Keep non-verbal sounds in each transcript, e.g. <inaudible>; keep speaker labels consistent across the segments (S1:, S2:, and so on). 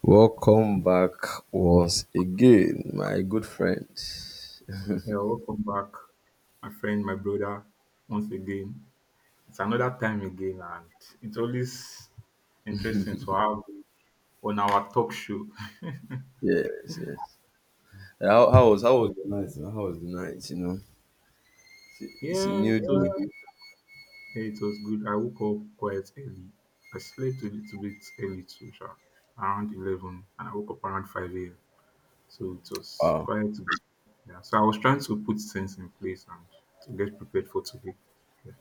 S1: Welcome back once again, my good friend.
S2: Yeah, welcome back, my friend, my brother. Once again, it's another time again, and it's always interesting to have you on our talk show. <laughs>
S1: Yes, yes. How was the night, man? How was the night? You know, it's a, it's a
S2: Yeah,
S1: new
S2: it was
S1: day.
S2: good. Yeah, it was good. I woke up quite early. I slept a little bit early too, sha, around 11, and I woke up around 5 a.m. So it was
S1: Wow.
S2: quite good. Yeah. So I was trying to put things in place and to get prepared for today. Yeah.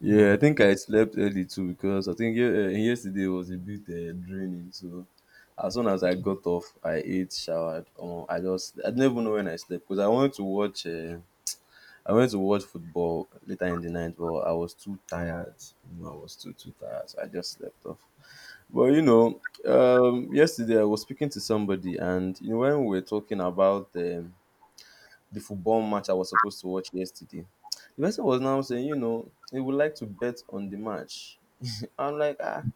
S1: Yeah, I
S2: Mm.
S1: think I slept early too because I think yesterday was a bit draining. So as soon as I got off, I ate, showered. I just I didn't even know when I slept because I wanted to watch. I went to watch football later in the night, but I was too tired. You know, I was too tired, so I just slept off. Well, yesterday I was speaking to somebody, and when we were talking about the football match I was supposed to watch yesterday, the person was now saying, he would like to bet on the match. I'm like, ah,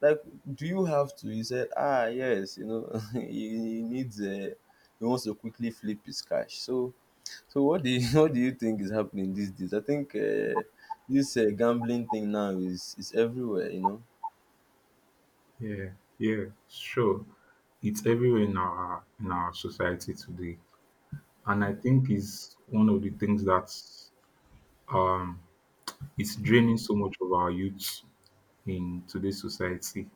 S1: like, do you have to? He said, ah, yes, <laughs> he needs a. He wants to quickly flip his cash. So what do you <laughs> what do you think is happening these days? I think this gambling thing now is everywhere.
S2: Yeah, yeah, sure. It's everywhere in our society today, and I think is one of the things that's um it's draining so much of our youth in today's society.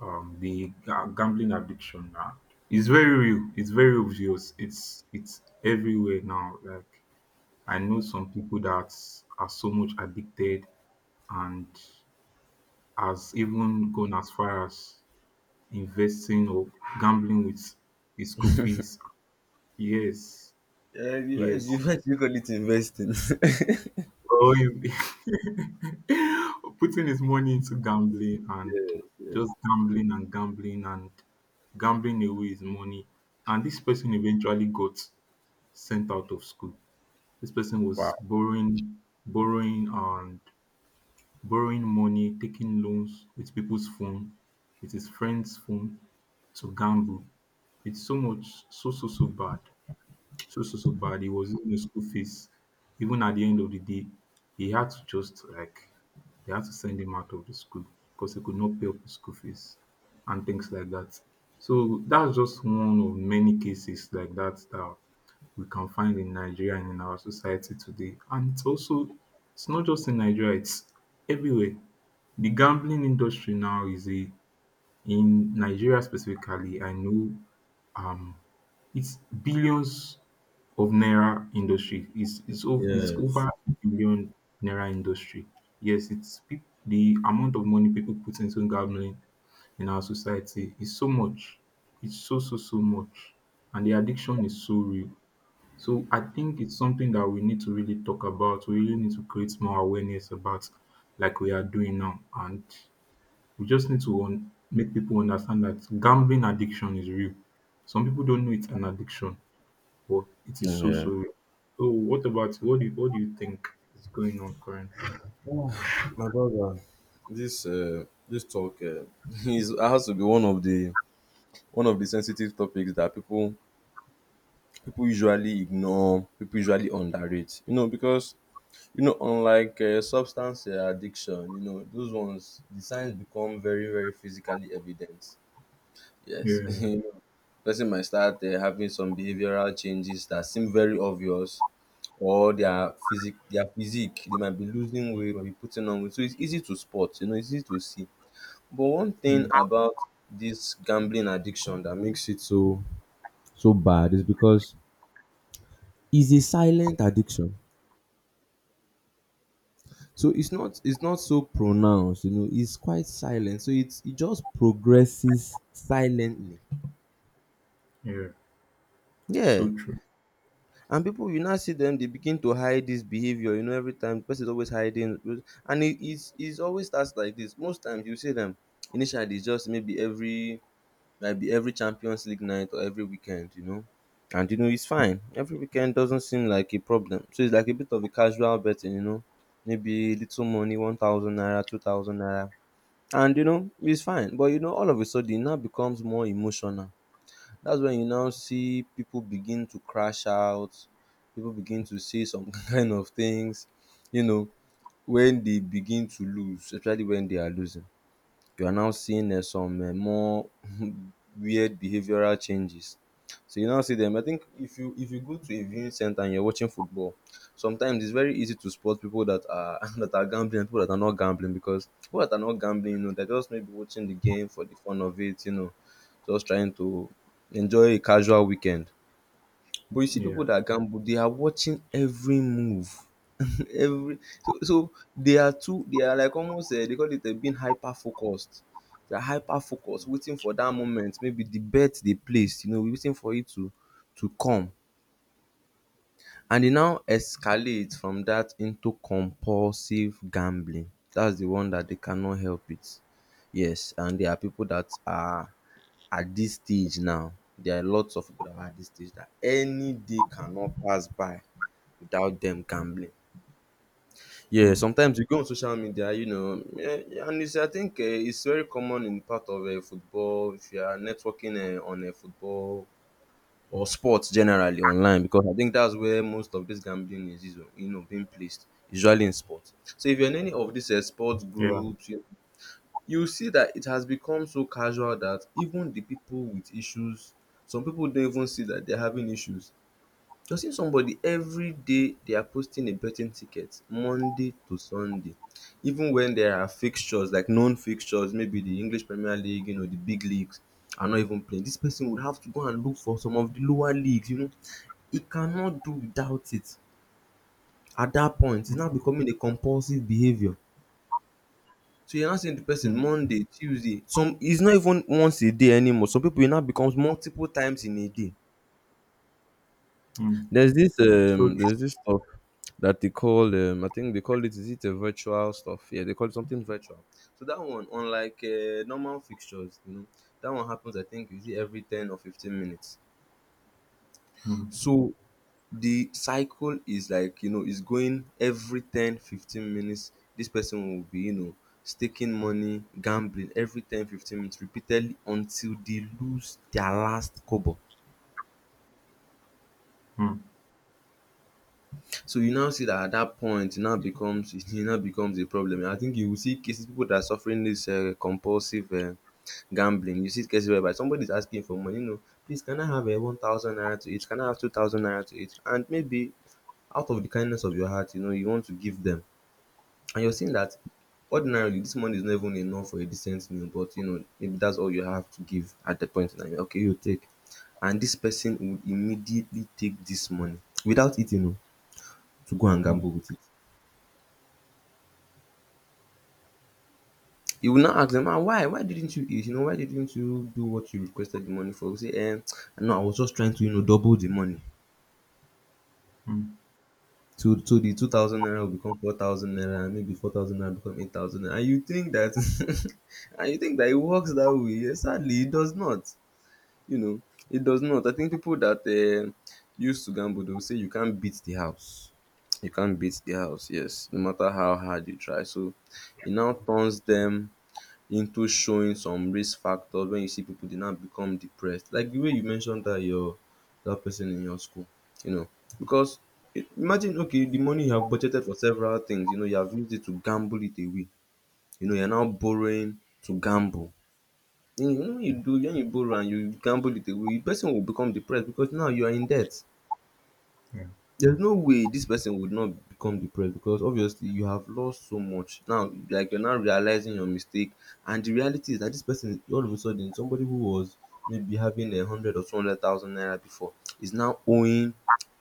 S2: The gambling addiction now, it's very real. It's very obvious. It's everywhere now. Like, I know some people that are so much addicted and has even gone as far as investing or gambling with his school fees. Yes,
S1: Yeah, you
S2: yes.
S1: you actually call it investing. <laughs>
S2: Or if- <laughs> Putting his money into gambling, and
S1: Yes, yes.
S2: just gambling and gambling and gambling away his money. And this person eventually got sent out of school. This person
S1: Wow.
S2: was borrowing, borrowing and borrowing money, taking loans with people's phone, with his friend's phone to gamble. It's so much, so, so, so bad. So so so bad. He was in the school fees. Even at the end of the day, he had to just like, they had to send him out of the school because he could not pay up his school fees and things like that. So that's just one of many cases like that that we can find in Nigeria and in our society today. And it's also, it's not just in Nigeria, it's everywhere. The gambling industry now is a, in Nigeria specifically, I know, um, it's billions of naira industry. It's over, it's
S1: Yes.
S2: over a billion naira industry. Yes, the amount of money people put into gambling in our society is so much. It's so so so much, and the addiction is so real. So I think it's something that we need to really talk about. We really need to create more awareness about, like we are doing now, and we just need to make people understand that gambling addiction is real. Some people don't know it's an addiction, but it is so
S1: Yeah.
S2: so real. So what about, what do you think is going on currently?
S1: Oh, <sighs> my brother, this uh, this talk <laughs> It's, has to be one of the sensitive topics that people usually ignore, people usually underrate. Because unlike substance addiction, those ones the signs become very physically evident. Yes, <laughs>
S2: Yeah,
S1: Person might start having some behavioral changes that seem very obvious, or their physique. They might be losing weight, might be putting on weight. So it's easy to spot. It's easy to see. But one
S2: yeah,
S1: thing about this gambling addiction that makes it so bad is because it's a silent addiction. So it's not so pronounced. It's quite silent. So it just progresses silently.
S2: yeah.
S1: Yeah,
S2: So true.
S1: and people, you now see them, they begin to hide this behavior. Every time the person is always hiding, and it's always starts like this. Most times you see them initially it's just maybe every champions league night or every weekend, and it's fine. Every weekend doesn't seem like a problem, so it's like a bit of a casual betting, maybe little money, 1000 naira, 2000 naira. And it's fine, but all of a sudden it now becomes more emotional. That's when you now see people begin to crash out, people begin to say some <laughs> kind of things, you know, when they begin to lose, especially when they are losing, you are now seeing some more <laughs> weird behavioral changes. So you now see them. I think if you go to a viewing center and you're watching football, sometimes it's very easy to spot people that are <laughs> that are gambling and people that are not gambling, because people that are not gambling, they're just maybe watching the game for the fun of it, just trying to enjoy a casual weekend. But you see pipu
S2: Yeah,
S1: dat gamble, they are watching every move, <laughs> every, so they are too, they are like almost, dey call it, being hyper focused. They are hyper focused, waiting for dat moment maybe de bet dey placed, waiting for it to come, and e now escalate from dat into compulsive gambling. Dats de one dat dey cannot help it. Yes, and there are pipu dat are at dis stage now. There are lots of people that are at dis stage that any day cannot pass by without them gambling. Yeah,
S2: mm,
S1: sometimes you go on social media, and it's I think it's very common in part of football, if you are networking on football or sports generally online, because I think that's where most of this gambling is, being placed, usually in sports. So if you're in any of these sports
S2: yeah.
S1: groups, you see that it has become so casual that even the people with issues, some people don't even see that they're having issues. You're seeing somebody every day they are posting a betting ticket Monday to Sunday, even when there are fixtures, like known fixtures, maybe the English Premier League, the big leagues are not even playing. This person would have to go and look for some of the lower leagues. He cannot do without it at that point. It's now becoming a compulsive behavior. So you're not seeing the person
S2: Mm,
S1: Monday, Tuesday. Some, it's not even once a day anymore. Some people, it now becomes multiple times in a day.
S2: mm.
S1: There's this
S2: So
S1: um there's
S2: true.
S1: this stuff that they call, I think they call it, is it a virtual stuff? Yeah, they call it something virtual. So that one, unlike normal fixtures, that one happens, I think, is it every 10 or 15 minutes.
S2: Mm,
S1: So the cycle is like, is going every 10-15 minutes. This person will be, staking money, gambling every 10-15 minutes repeatedly until they lose their last kobo.
S2: mm,
S1: So you now see that at that point it now becomes <laughs> it now becomes a problem. I think you will see cases, people that are suffering this compulsive gambling. You see cases whereby somebody is asking for money, please, can I have a 1000 naira to it, can I have 2000 naira to it, and maybe out of the kindness of your heart, you want to give them. And you're seeing that ordinarily this money is not even enough for a decent meal, but maybe that's all you have to give at the point in time. Okay, you take. And this person would immediately take this money without eating, oh, to go and
S2: mm,
S1: gamble with it. You will now ask them, "Ah, why? Why didn't you eat? Why didn't you do what you requested the money for?" You say, no, I was just trying to, double the money.
S2: mm.
S1: So the 2,000 naira will become 4,000 naira, and maybe 4,000 naira become 8,000 naira. And you think that, <laughs> and you think that it works that way. Sadly, it does not. You know, it does not. I think people that used to gamble, they will say you can't beat the house. You can't beat the house, yes, no matter how hard you try. So it now turns them into showing some risk factors. When you see people, they now become depressed. Like the way you mentioned that person in your school, you know, because imagine, okay, the money you have budgeted for several things, you have used it to gamble it away. You know, you're now borrowing to gamble. When you when you do when you borrow and you gamble it away, the person will become depressed because now you are in debt.
S2: Yeah,
S1: There's no way this person would not become depressed because obviously you have lost so much. Now, like, you're now realizing your mistake, and the reality is that this person, all of a sudden, somebody who was maybe having a hundred or two hundred thousand naira before, is now owing,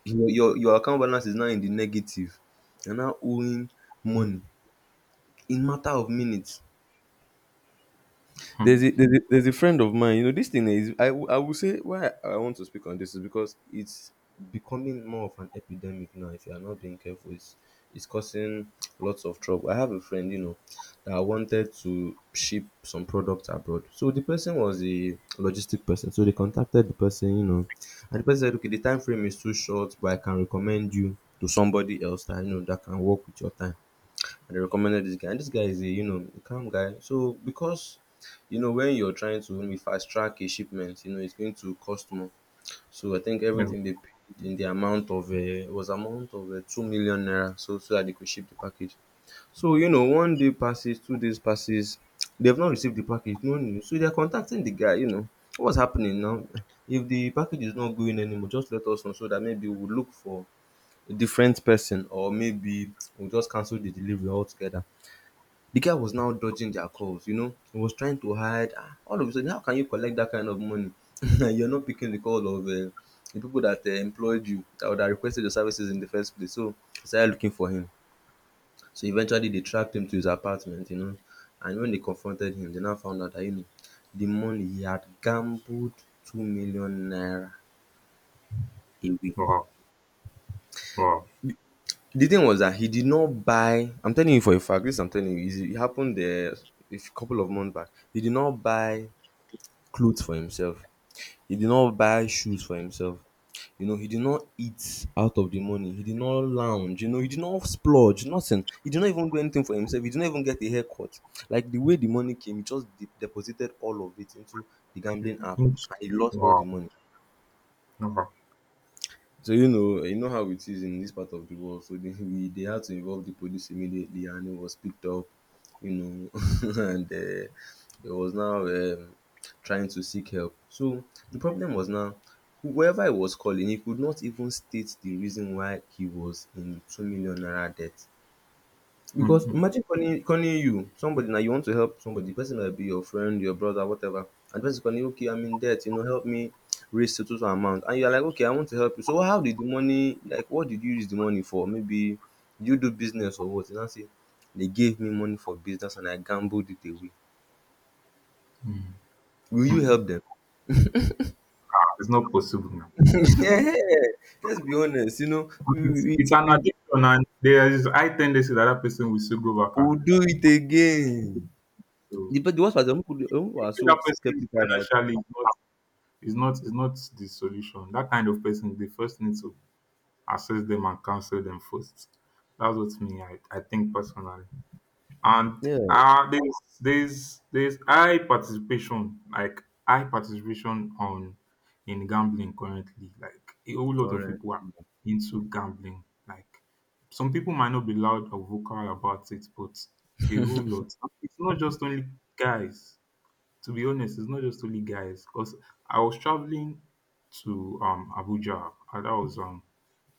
S1: your account balance is now in the negative. You're now owing money in matter of minutes. There's
S2: mm,
S1: a, there's a there's a friend of mine. You know, this thing, is I will say why I want to speak on this, is because it's becoming more of an epidemic now. If you are not being careful, it's causing lots of trouble. I have a friend, that wanted to ship some products abroad. So the person was a logistic person. So they contacted the person. And the person said, "Okay, the time frame is too short, but I can recommend you to somebody else that you know that can work with your time." And they recommended this guy. And this guy is a, a calm guy. So because when you're trying to maybe fast track a shipment, it's going to cost more. So I think
S2: yeah.
S1: everything they paid in the amount of was amount of 2 million naira, so that they could ship the package. So one day passes, 2 days passes, they've not received the package, no news. So they're contacting the guy. You know what's happening now? If the package is not going anymore, just let us know so that maybe we'll look for a different person or maybe we'll just cancel the delivery altogether. The guy was now dodging their calls, you know. He was trying to hide. Ah, all of a sudden, how can you collect that kind of money? <laughs> You're not picking the call of the people that employed you or that requested your services in the first place. So they started looking for him. So eventually, they tracked him to his apartment, you know. And when they confronted him, they now found out that, you know, the money he had gambled 2 million naira away.
S2: Wow, wow.
S1: The thing was that he did not buy, I'm telling you for a fact, this I'm telling you, it happened a couple of months back. He did not buy clothes for himself. He did not buy shoes for himself. You know, he did not eat out of the money. He did not lounge. You know, he did not splurge. Nothing. He did not even do anything for himself. He did not even get a haircut. Like the way the money came, he just deposited all of it into the gambling app,
S2: Mm.
S1: and he lost all the
S2: Wow,
S1: money.
S2: wow.
S1: So you know how it is in this part of the world. So they had to involve the police immediately, and it was picked up, you know, <laughs> and it was now trying to seek help. So the problem was now, whoever he was calling, he could not even state the reason why he was in 2 million naira debt.
S2: Mm,
S1: Because
S2: mm,
S1: imagine calling you, somebody now you want to help somebody, the person might be your friend, your brother, whatever, and the person calling you, okay, I'm in debt, you know, help me raise a total amount. And you're like, okay, I want to help you. So how did the money, like what did you use the money for? Maybe you do business or what? You know, say they gave me money for business and I gambled it away.
S2: mm.
S1: Will you help them?
S2: It's not possible now.
S1: <laughs> Yeah, let's be honest, you know,
S2: It's it's an
S1: we,
S2: addiction, and there is high tendency that that person will still go back and,
S1: will do it again.
S2: so
S1: But the worst part is that some people are
S2: helping
S1: so
S2: that person
S1: skeptical that
S2: financially is not, is not the solution. That kind of person, they first need to assess them and counsel them first. That's what me, I think personally. And
S1: yeah,
S2: there's high participation, like high participation on, in gambling currently. Like a whole lot of
S1: correct.
S2: people are into gambling. Like, some people might not be loud or vocal about it, but a whole lot, it's not just only guys, to be honest. It's not just only guys, because I was traveling to Abuja, and that was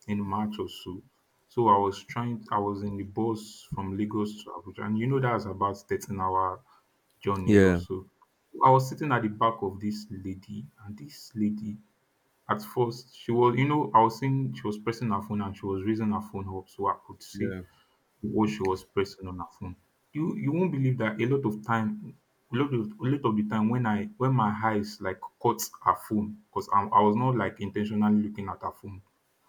S2: in March or so. So I was trying, I was in the bus from Lagos to Abuja, and you know that's about 13-hour journey or
S1: Yeah,
S2: so. I was sitting at the back of this lady, and this lady, at first, she was, you know, I was seeing she was pressing her phone, and she was raising her phone up so I could see
S1: yeah,
S2: what she was pressing on her phone. You won't believe that a lot of the time when I when my eyes like caught her phone, because I was not like intentionally looking at her phone,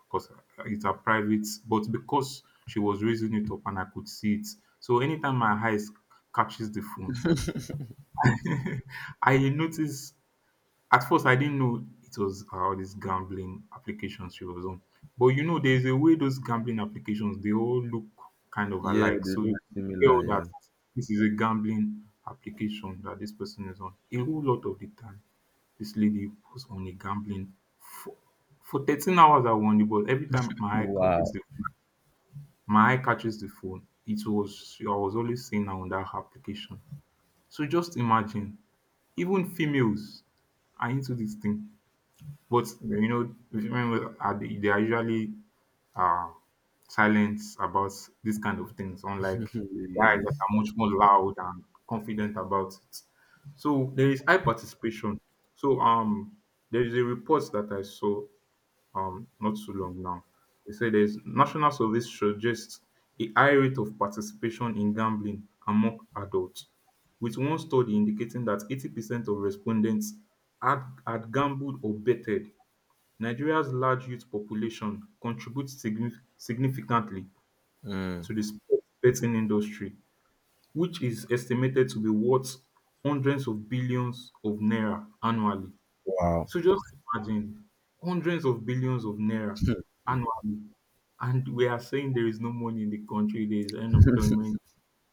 S2: because it's a private, but because she was raising it up and I could see it. So anytime my eyes catches the phone, <laughs> I notice, at first I didn't know it was all these gambling applications she was on. But you know, there's a way those gambling applications they all look kind of
S1: yeah,
S2: alike.
S1: they
S2: So
S1: look
S2: you can
S1: similar,
S2: tell that
S1: yeah.
S2: this is a gambling application that this person is on. A whole lot of the time, this lady was on a gambling for, for 13 hours, I won the, but every time my eye catches
S1: Wow.
S2: the, my eye catches the phone. It was, I was always seeing her on that application. So just imagine, even females are into this thing. But you know, remember, they are usually uh silent about this kind of things,
S1: <laughs>
S2: unlike guys that are
S1: Yes.
S2: much more loud and confident about it. So there is high participation. So there is a report that I saw not too long now. They say there's national surveys suggest a high rate of participation in gambling among adults, with one study indicating that 80% of respondents had gambled or betted. Nigeria's large youth population contributes significantly
S1: Mm.
S2: to the sports betting industry, which is estimated to be worth hundreds of billions of naira annually.
S1: Wow.
S2: So just imagine, hundreds of billions of naira annually, and we are saying there is no money in the country, there is unemployment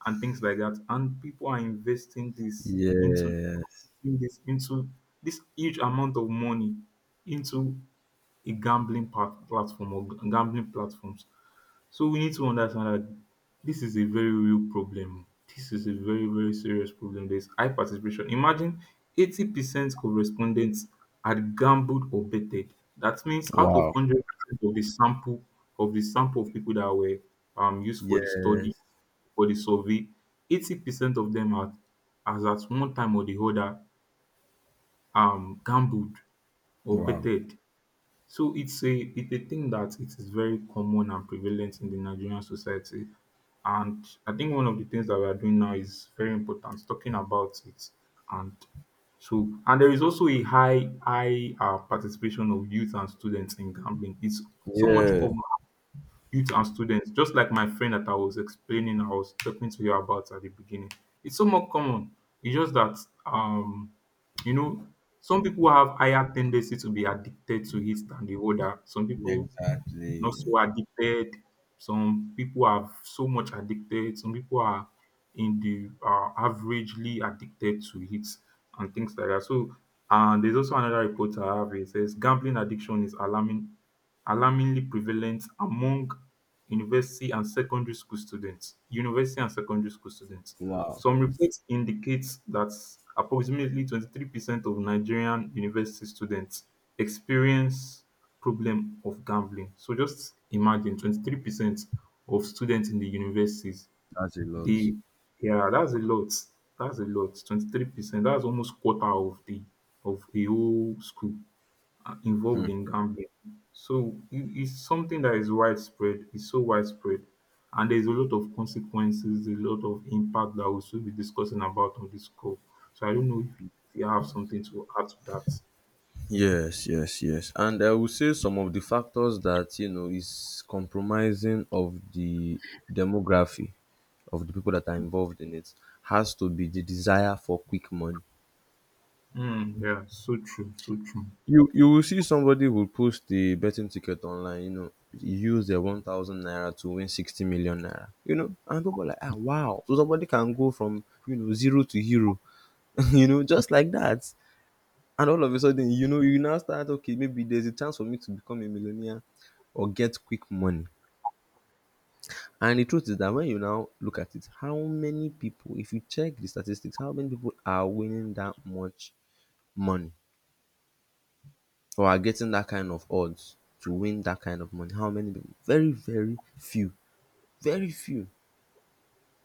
S2: and things like that, and people are investing this into,
S1: Yes.
S2: putting this into this huge amount of money into a platform, or gambling platforms. So we need to understand that this is a very real problem. This is a very, very serious problem. There's high participation. Imagine, 80% of respondents had gambled or betted. That means out of
S1: Wow.
S2: 100% of the sample of people that were, used for the study,
S1: Yes.
S2: for the survey, 80% of them had, as at one time or the other, gambled or
S1: Wow.
S2: betted. So it's a, it's a thing that it is very common and prevalent in the Nigerian society. And I think one of the things that we are doing now is very important, talking about it. And so, and there is also a high, high participation of youth and students in gambling. It's so much
S1: Yeah.
S2: common, youth and students, just like my friend that I was talking to you about at the beginning. It's so more common. It's just that, um you know, some people have higher tendency to be addicted to it than the other. Some people not
S1: Exactly.
S2: so addicted. Some people are so much addicted. Some people are in the averagely addicted to it and things like that. So, and there's also another report I have. It says gambling addiction is alarmingly prevalent among university and secondary school students. University and secondary school students.
S1: Wow.
S2: Some reports indicate that approximately 23% of Nigerian university students experience problem of gambling. So just imagine, 23% of students in the universities,
S1: That's a lot.
S2: they, yeah, that's a lot. That's a lot. 23%. That's almost quarter of the, of a whole school, are
S1: Hmm.
S2: involved in gambling. So it's something that is widespread. It's so widespread. And there's a lot of consequences, a lot of impact that we'll still be discussing about on this call. So I don't know if you have something to add to that.
S1: Yes, yes, yes. And I would say some of the factors that, you know, is compromising of the demography of the people that are involved in it has to be the desire for quick money.
S2: Mm, yeah, so true, so true.
S1: You will see somebody will post the betting ticket online, you know, use their 1,000 naira to win 60 million naira, you know, and people are like, ah, wow. So somebody can go from, you know, zero to hero, <laughs> you know, just like that. And all of a sudden, you know, you now start, okay, maybe there's a chance for me to become a millionaire or get quick money. And the truth is that when you now look at it, how many people, if you check the statistics, how many people are winning that much money? Or are getting that kind of odds to win that kind of money. How many people? Very, very few. Very few.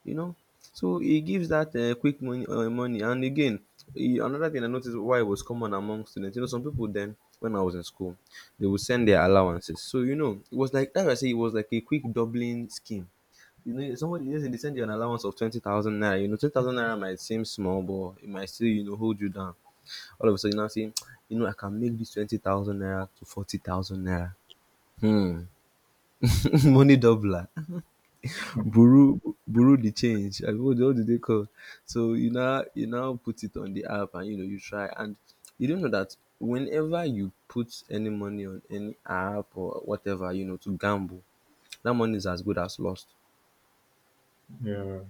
S1: You know. So it gives that quick money, money. And again, another thing I noticed why it was common among students. You know, some people then when I was in school, they would send their allowances. So you know, it was like that. I say it was like a quick doubling scheme. You know, somebody just they send you an allowance of 20,000 naira. You know, 20,000 naira might seem small, but it might still you know hold you down. All of a sudden, you now saying, <tsk> you know, I can make this 20,000 naira to 40,000 naira. Hmm. <laughs> Money doubler.
S2: <laughs>
S1: Buru, buru the change. I mean, what do they call? So you now put it on the app and, you know, you try. And you don't know that whenever you put any money on any app or whatever, you know, to gamble, that money is as good as lost.
S2: Yeah.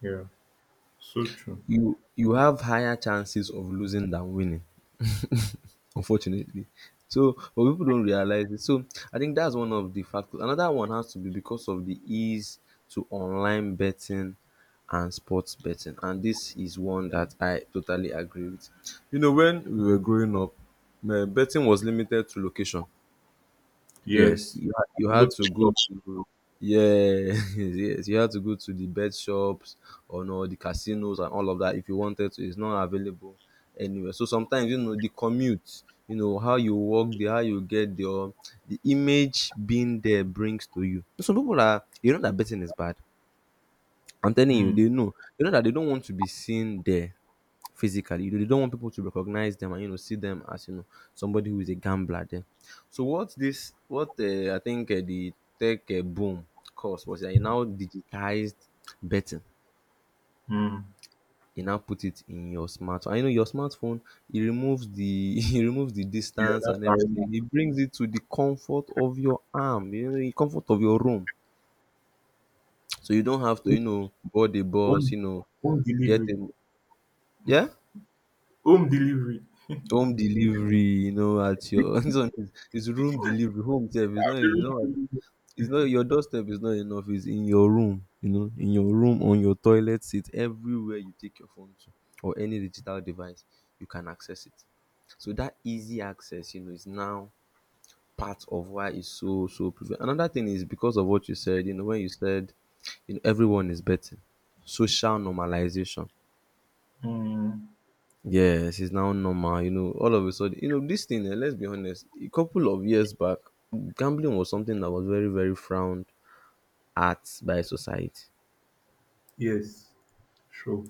S2: Yeah, so true.
S1: You have higher chances of losing than winning. Unfortunately. So, but people don't realize it. So, I think that's one of the factors. Another one has to be because of the ease to online betting and sports betting. And this is one that I totally agree with. You know, when we were growing up, eh, betting was limited to location. Yes,
S2: Yes,
S1: you
S2: you go
S1: had
S2: to
S1: to go
S2: shop.
S1: to yes, <laughs> yes, you had to go to the bet shops or no the casinos and all of that if you wanted to. It's not available anywhere. So sometimes you know the commute, you know how you walk there, how you get there, the image being there brings to you. Some people are you know that betting is bad, I'm telling you, they
S2: Hmm.
S1: know. They know that they don't want to be seen there physically. You know, they don't want people to recognize them and you know see them as you know somebody who is a gambler there. So what this what I think the tech boom caused was that you now digitized betting.
S2: Hmm.
S1: You now put it in your smartphone. I know your smartphone. It removes the <laughs> it removes the
S2: Yeah,
S1: distance
S2: that
S1: and everything.
S2: barrier.
S1: It brings it to the comfort of your arm. You know, the comfort of your room. So you don't have to you know board the bus.
S2: Home,
S1: You know,
S2: home
S1: get
S2: delivery.
S1: a yeah.
S2: Home delivery.
S1: Home delivery, you know, at your <laughs> this one is room delivery. Home sef is not it's not is not your doorstep is not enough. It's in your room, you know, in your room, on your toilet seat, everywhere you take your phone to or any digital device, you can access it. So that easy access, you know, is now part of why it's so prevalent. Another thing is because of what you said, you know, when you said, you know, everyone is betting, social normalization.
S2: Mm,
S1: Yes, it's now normal. You know, all of a sudden, you know, this thing, eh, let's be honest, a couple of years back, gambling was something that was very, very frowned at by society.
S2: yes, sure.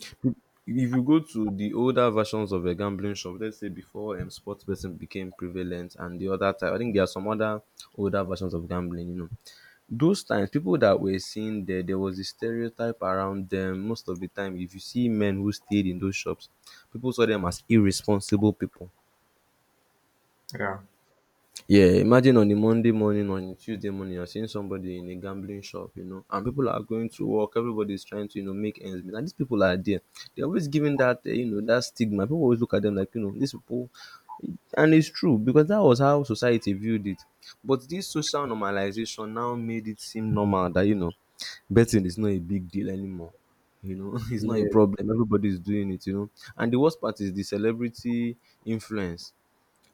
S1: If you go to the older versions of a gambling shop, let's say before sports betting became prevalent and the other type, I think there are some other older versions of gambling, you know. Those times, people that were seen there, there was a stereotype around them. Most of the time, if you see men who stayed in those shops, people saw them as irresponsible people.
S2: Yeah,
S1: Yeah, imagine on a Monday morning, or on a Tuesday morning, you're seeing somebody in a gambling shop, you know, and people are going to work. Everybody's trying to, you know, make ends meet. And these people are there. They're always giving that, you know, that stigma. People always look at them like, you know, these people. And it's true because that was how society viewed it. But this social normalization now made it seem normal that, you know, betting is not a big deal anymore. You know, <laughs> it's not
S2: yeah,
S1: a
S2: yeah,
S1: problem. Everybody's doing it, you know. And the worst part is the celebrity influence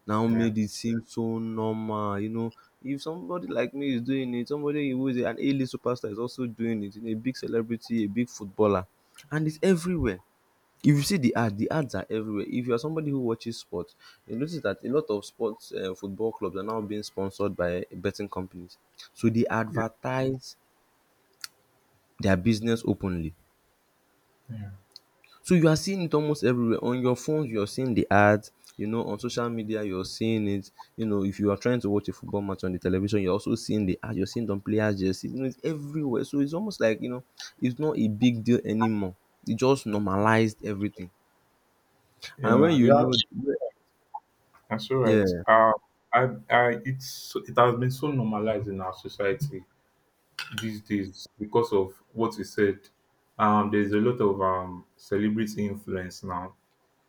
S1: now
S2: yeah,
S1: made it seem so normal. You know, if somebody like me is doing it, somebody who is an A-list superstar is also doing it. You know, a big celebrity, a big footballer, and it's everywhere. If you see the ad, the ads are everywhere. If you are somebody who watches sports, you notice that a lot of sports football clubs are now being sponsored by betting companies. So they
S2: yeah.
S1: advertise their business openly. So you are seeing it almost everywhere. On your phone, you're seeing the ads. You know, on social media, you're seeing it. You know, if you are trying to watch a football match on the television, you're also seeing the ads. You're seeing it on players' jerseys. You know, it's everywhere. So it's almost like, you know, it's not a big deal anymore. It just normalized everything. And when
S2: Yeah.
S1: you
S2: Yeah.
S1: know,
S2: That's all right.
S1: yeah.
S2: I, I, it has been so normalized in our society these days because of what we said. There's a lot of celebrity influence now.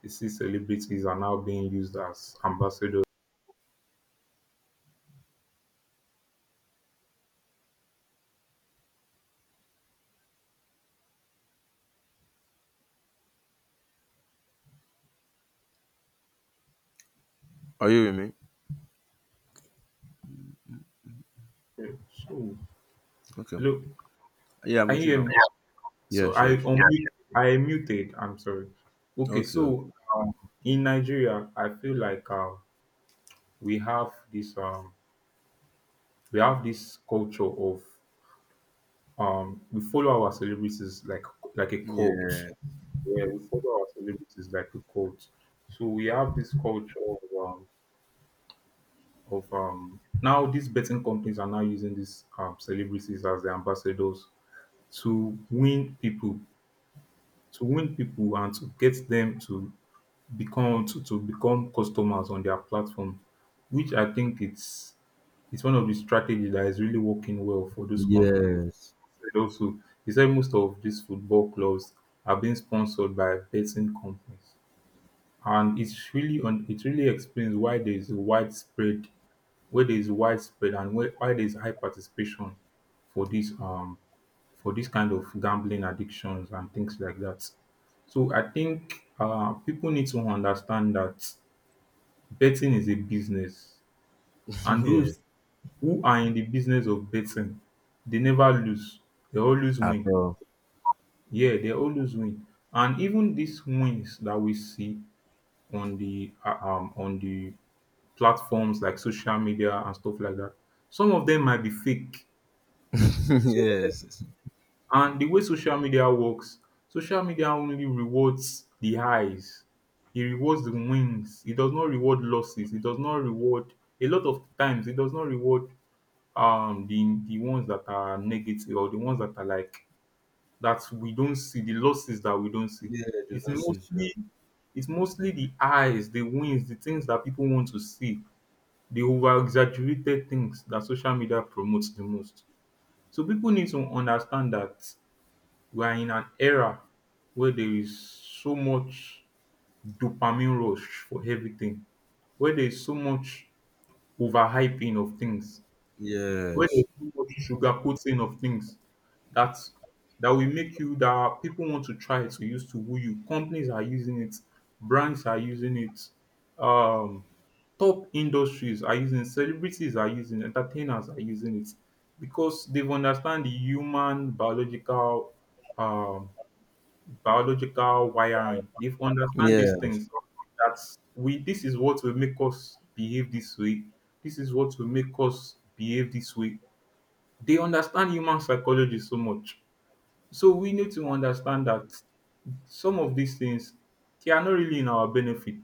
S2: See, celebrities are now being used as ambassadors.
S1: Are you with me?
S2: Okay. So,
S1: Okay.
S2: hello,
S1: Yeah, I'm
S2: can
S1: with
S2: you
S1: you
S2: hear
S1: now.
S2: me? So
S1: Yes,
S2: I
S1: yes.
S2: unmute, I muted. I'm sorry. Okay,
S1: Okay,
S2: so
S1: okay.
S2: in Nigeria, I feel like we have this culture of we follow our celebrities like a
S1: Yeah.
S2: cult. Yeah, we follow our celebrities like a cult. So we have this culture of now these betting companies are now using these celebrities as the ambassadors to win people, to win people, and to get them to become customers on their platform, which I think it's one of the strategies that is really working well for those companies.
S1: Yes.
S2: And also, he said most of these football clubs are being sponsored by betting companies, and it's really on. It really explains why there is a widespread, where there is widespread, and why there is high participation for this um for this kind of gambling addictions and things like that. So I think people need to understand that betting is a business,
S1: <laughs>
S2: and those
S1: Yes.
S2: who are in the business of betting, they never lose. They always
S1: At
S2: win.
S1: all.
S2: Yeah, they always win. And even these wins that we see on the platforms like social media and stuff like that, some of them might be fake.
S1: <laughs>
S2: So
S1: Yes.
S2: and the way social media works, social media only rewards the highs. It rewards the wins. It does not reward losses. It does not reward a lot of times. It does not reward the ones that are negative or the ones that are like that we don't see, the losses that we don't see.
S1: Yeah, do
S2: It's
S1: not see.
S2: mostly it's mostly the highs, the wins, the things that people want to see, the over exaggerated things that social media promotes the most. So people need to understand that we are in an era where there is so much dopamine rush for everything, where there is so much overhyping of things, where there
S1: Yes.
S2: is so much sugarcoating of things that that will make you that people want to try to use to woo you. Companies are using it, brands are using it, um, top industries are using it, celebrities are using it, entertainers are using it because they've understand the human biological um biological wiring. They've understand these
S1: Yes,
S2: things that we this is what will make us behave this way. This is what will make us behave this way. They understand human psychology so much. So we need to understand that some of these things they are not really in our benefit.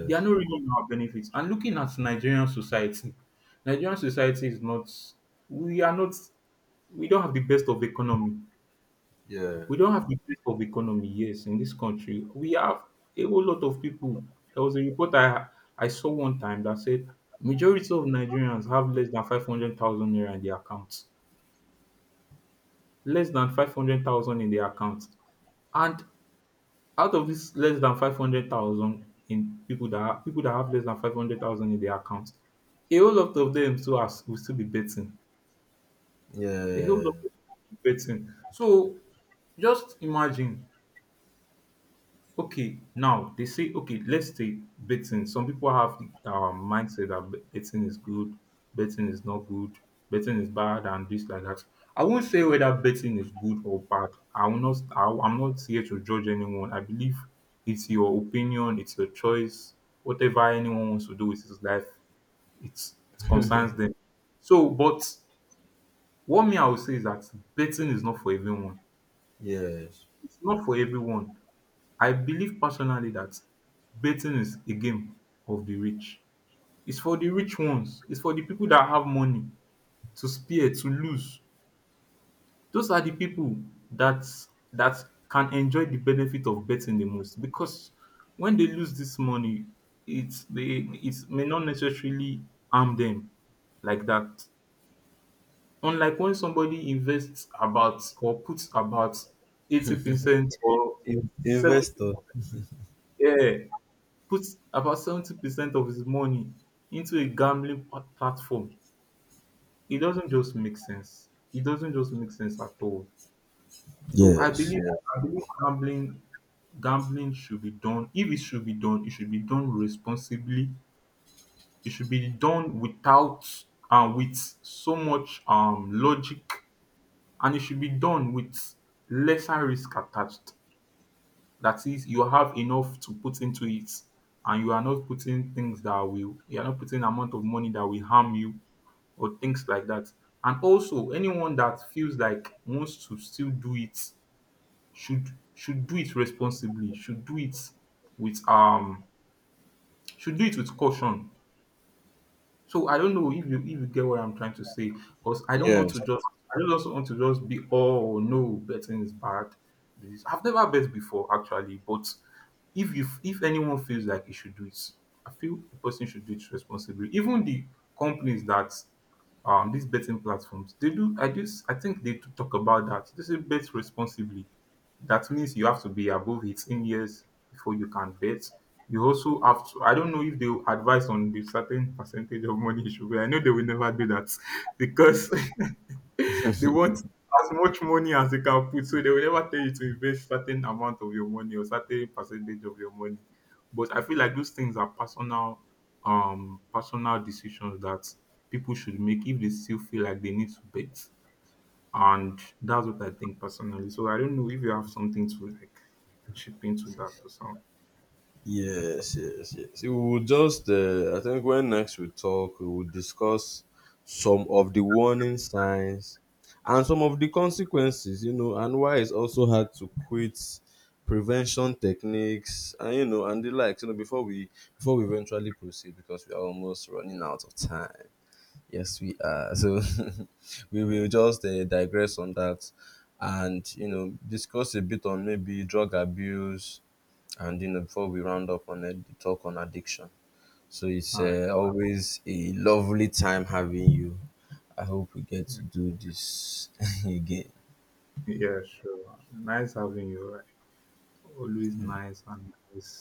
S2: They are not really in our benefits. And looking at Nigerian society is not we are not we don't have the best of economy.
S1: yeah,
S2: We don't have the best of economy, yes, in this country. We have a whole lot of people. There was a report I saw one time that said majority of Nigerians have less than 500,000 naira in their accounts. Less than 500,000 in their accounts. And out of this less than 500,000 in people that people that have less than 500,000 in their accounts, a whole lot of them still are, will still be betting. A whole lot
S1: yeah,
S2: of them will be betting. So just imagine. Okay, now they say okay, let's take betting. Some people have the mindset that betting is good, betting is not good, betting is bad, and this like that. I won't say whether betting is good or bad. I will not. I'm not here to judge anyone. I believe it's your opinion, it's your choice. Whatever anyone wants to do with his life, it's, it concerns them. So, but what me I would say is that betting is not for everyone.
S1: yes.
S2: It's not for everyone. I believe personally that betting is a game of the rich. It's for the rich ones. It's for the people that have money to spare, to lose. Those are the people that that can enjoy the benefit of betting the most because when they lose this money, it's they it may not necessarily harm them like that. Unlike when somebody invests about or puts about 80% or
S1: In-
S2: 70%,
S1: investor.
S2: yeah, puts about 70% of his money into a platform. It doesn't just make sense. It doesn't just make sense at all. So I
S1: Yes,
S2: believe
S1: yeah,
S2: I believe gambling should be done. If it should be done, it should be done responsibly. It should be done without and with so much logic and it should be done with lesser risk attached. That is, you have enough to put into it and you are not putting things that will you are not putting amount of money that will harm you or things like that. And also anyone that feels like wants to still do it should should do it responsibly, should do it with should do it with caution. So I don't know if you get what I'm trying to say, because I don't want
S1: yes,
S2: to just I don't just want to just be oh no betting is bad. This I've never bet before actually, but if anyone feels like he should do it, I feel the person should do it responsibly. Even the companies that these betting platforms they do I think they do talk about that. They say bet responsibly. That means you have to be above 18 years before you can bet. You also have to. I don't know if they will advise on the certain percentage of money you should pay. I know they will never do that <laughs> because <laughs> they want as much money as they can put. So they will never tell you to invest certain amount of your money or certain percentage of your money. But I feel like those things are personal, personal decisions that people should make if they still feel like they need to bet. And that's what I think personally. So I don't know if you have something to like chip into that or something.
S1: yes, yes, yes. We will just, I think, when next we talk, we will discuss some of the warning signs and some of the consequences, you know, and why it's also hard to quit prevention techniques and you know and the likes you know before we eventually proceed because we are almost running out of time. Yes, we are. So <laughs> we will just digress on that and, you know, discuss a bit on maybe drug abuse and, you know, before we round up on it, the talk on addiction. So it's
S2: All right.
S1: always a lovely time having you. I hope we get to do this <laughs> again.
S2: Yeah, sure. Nice having you. Always nice and nice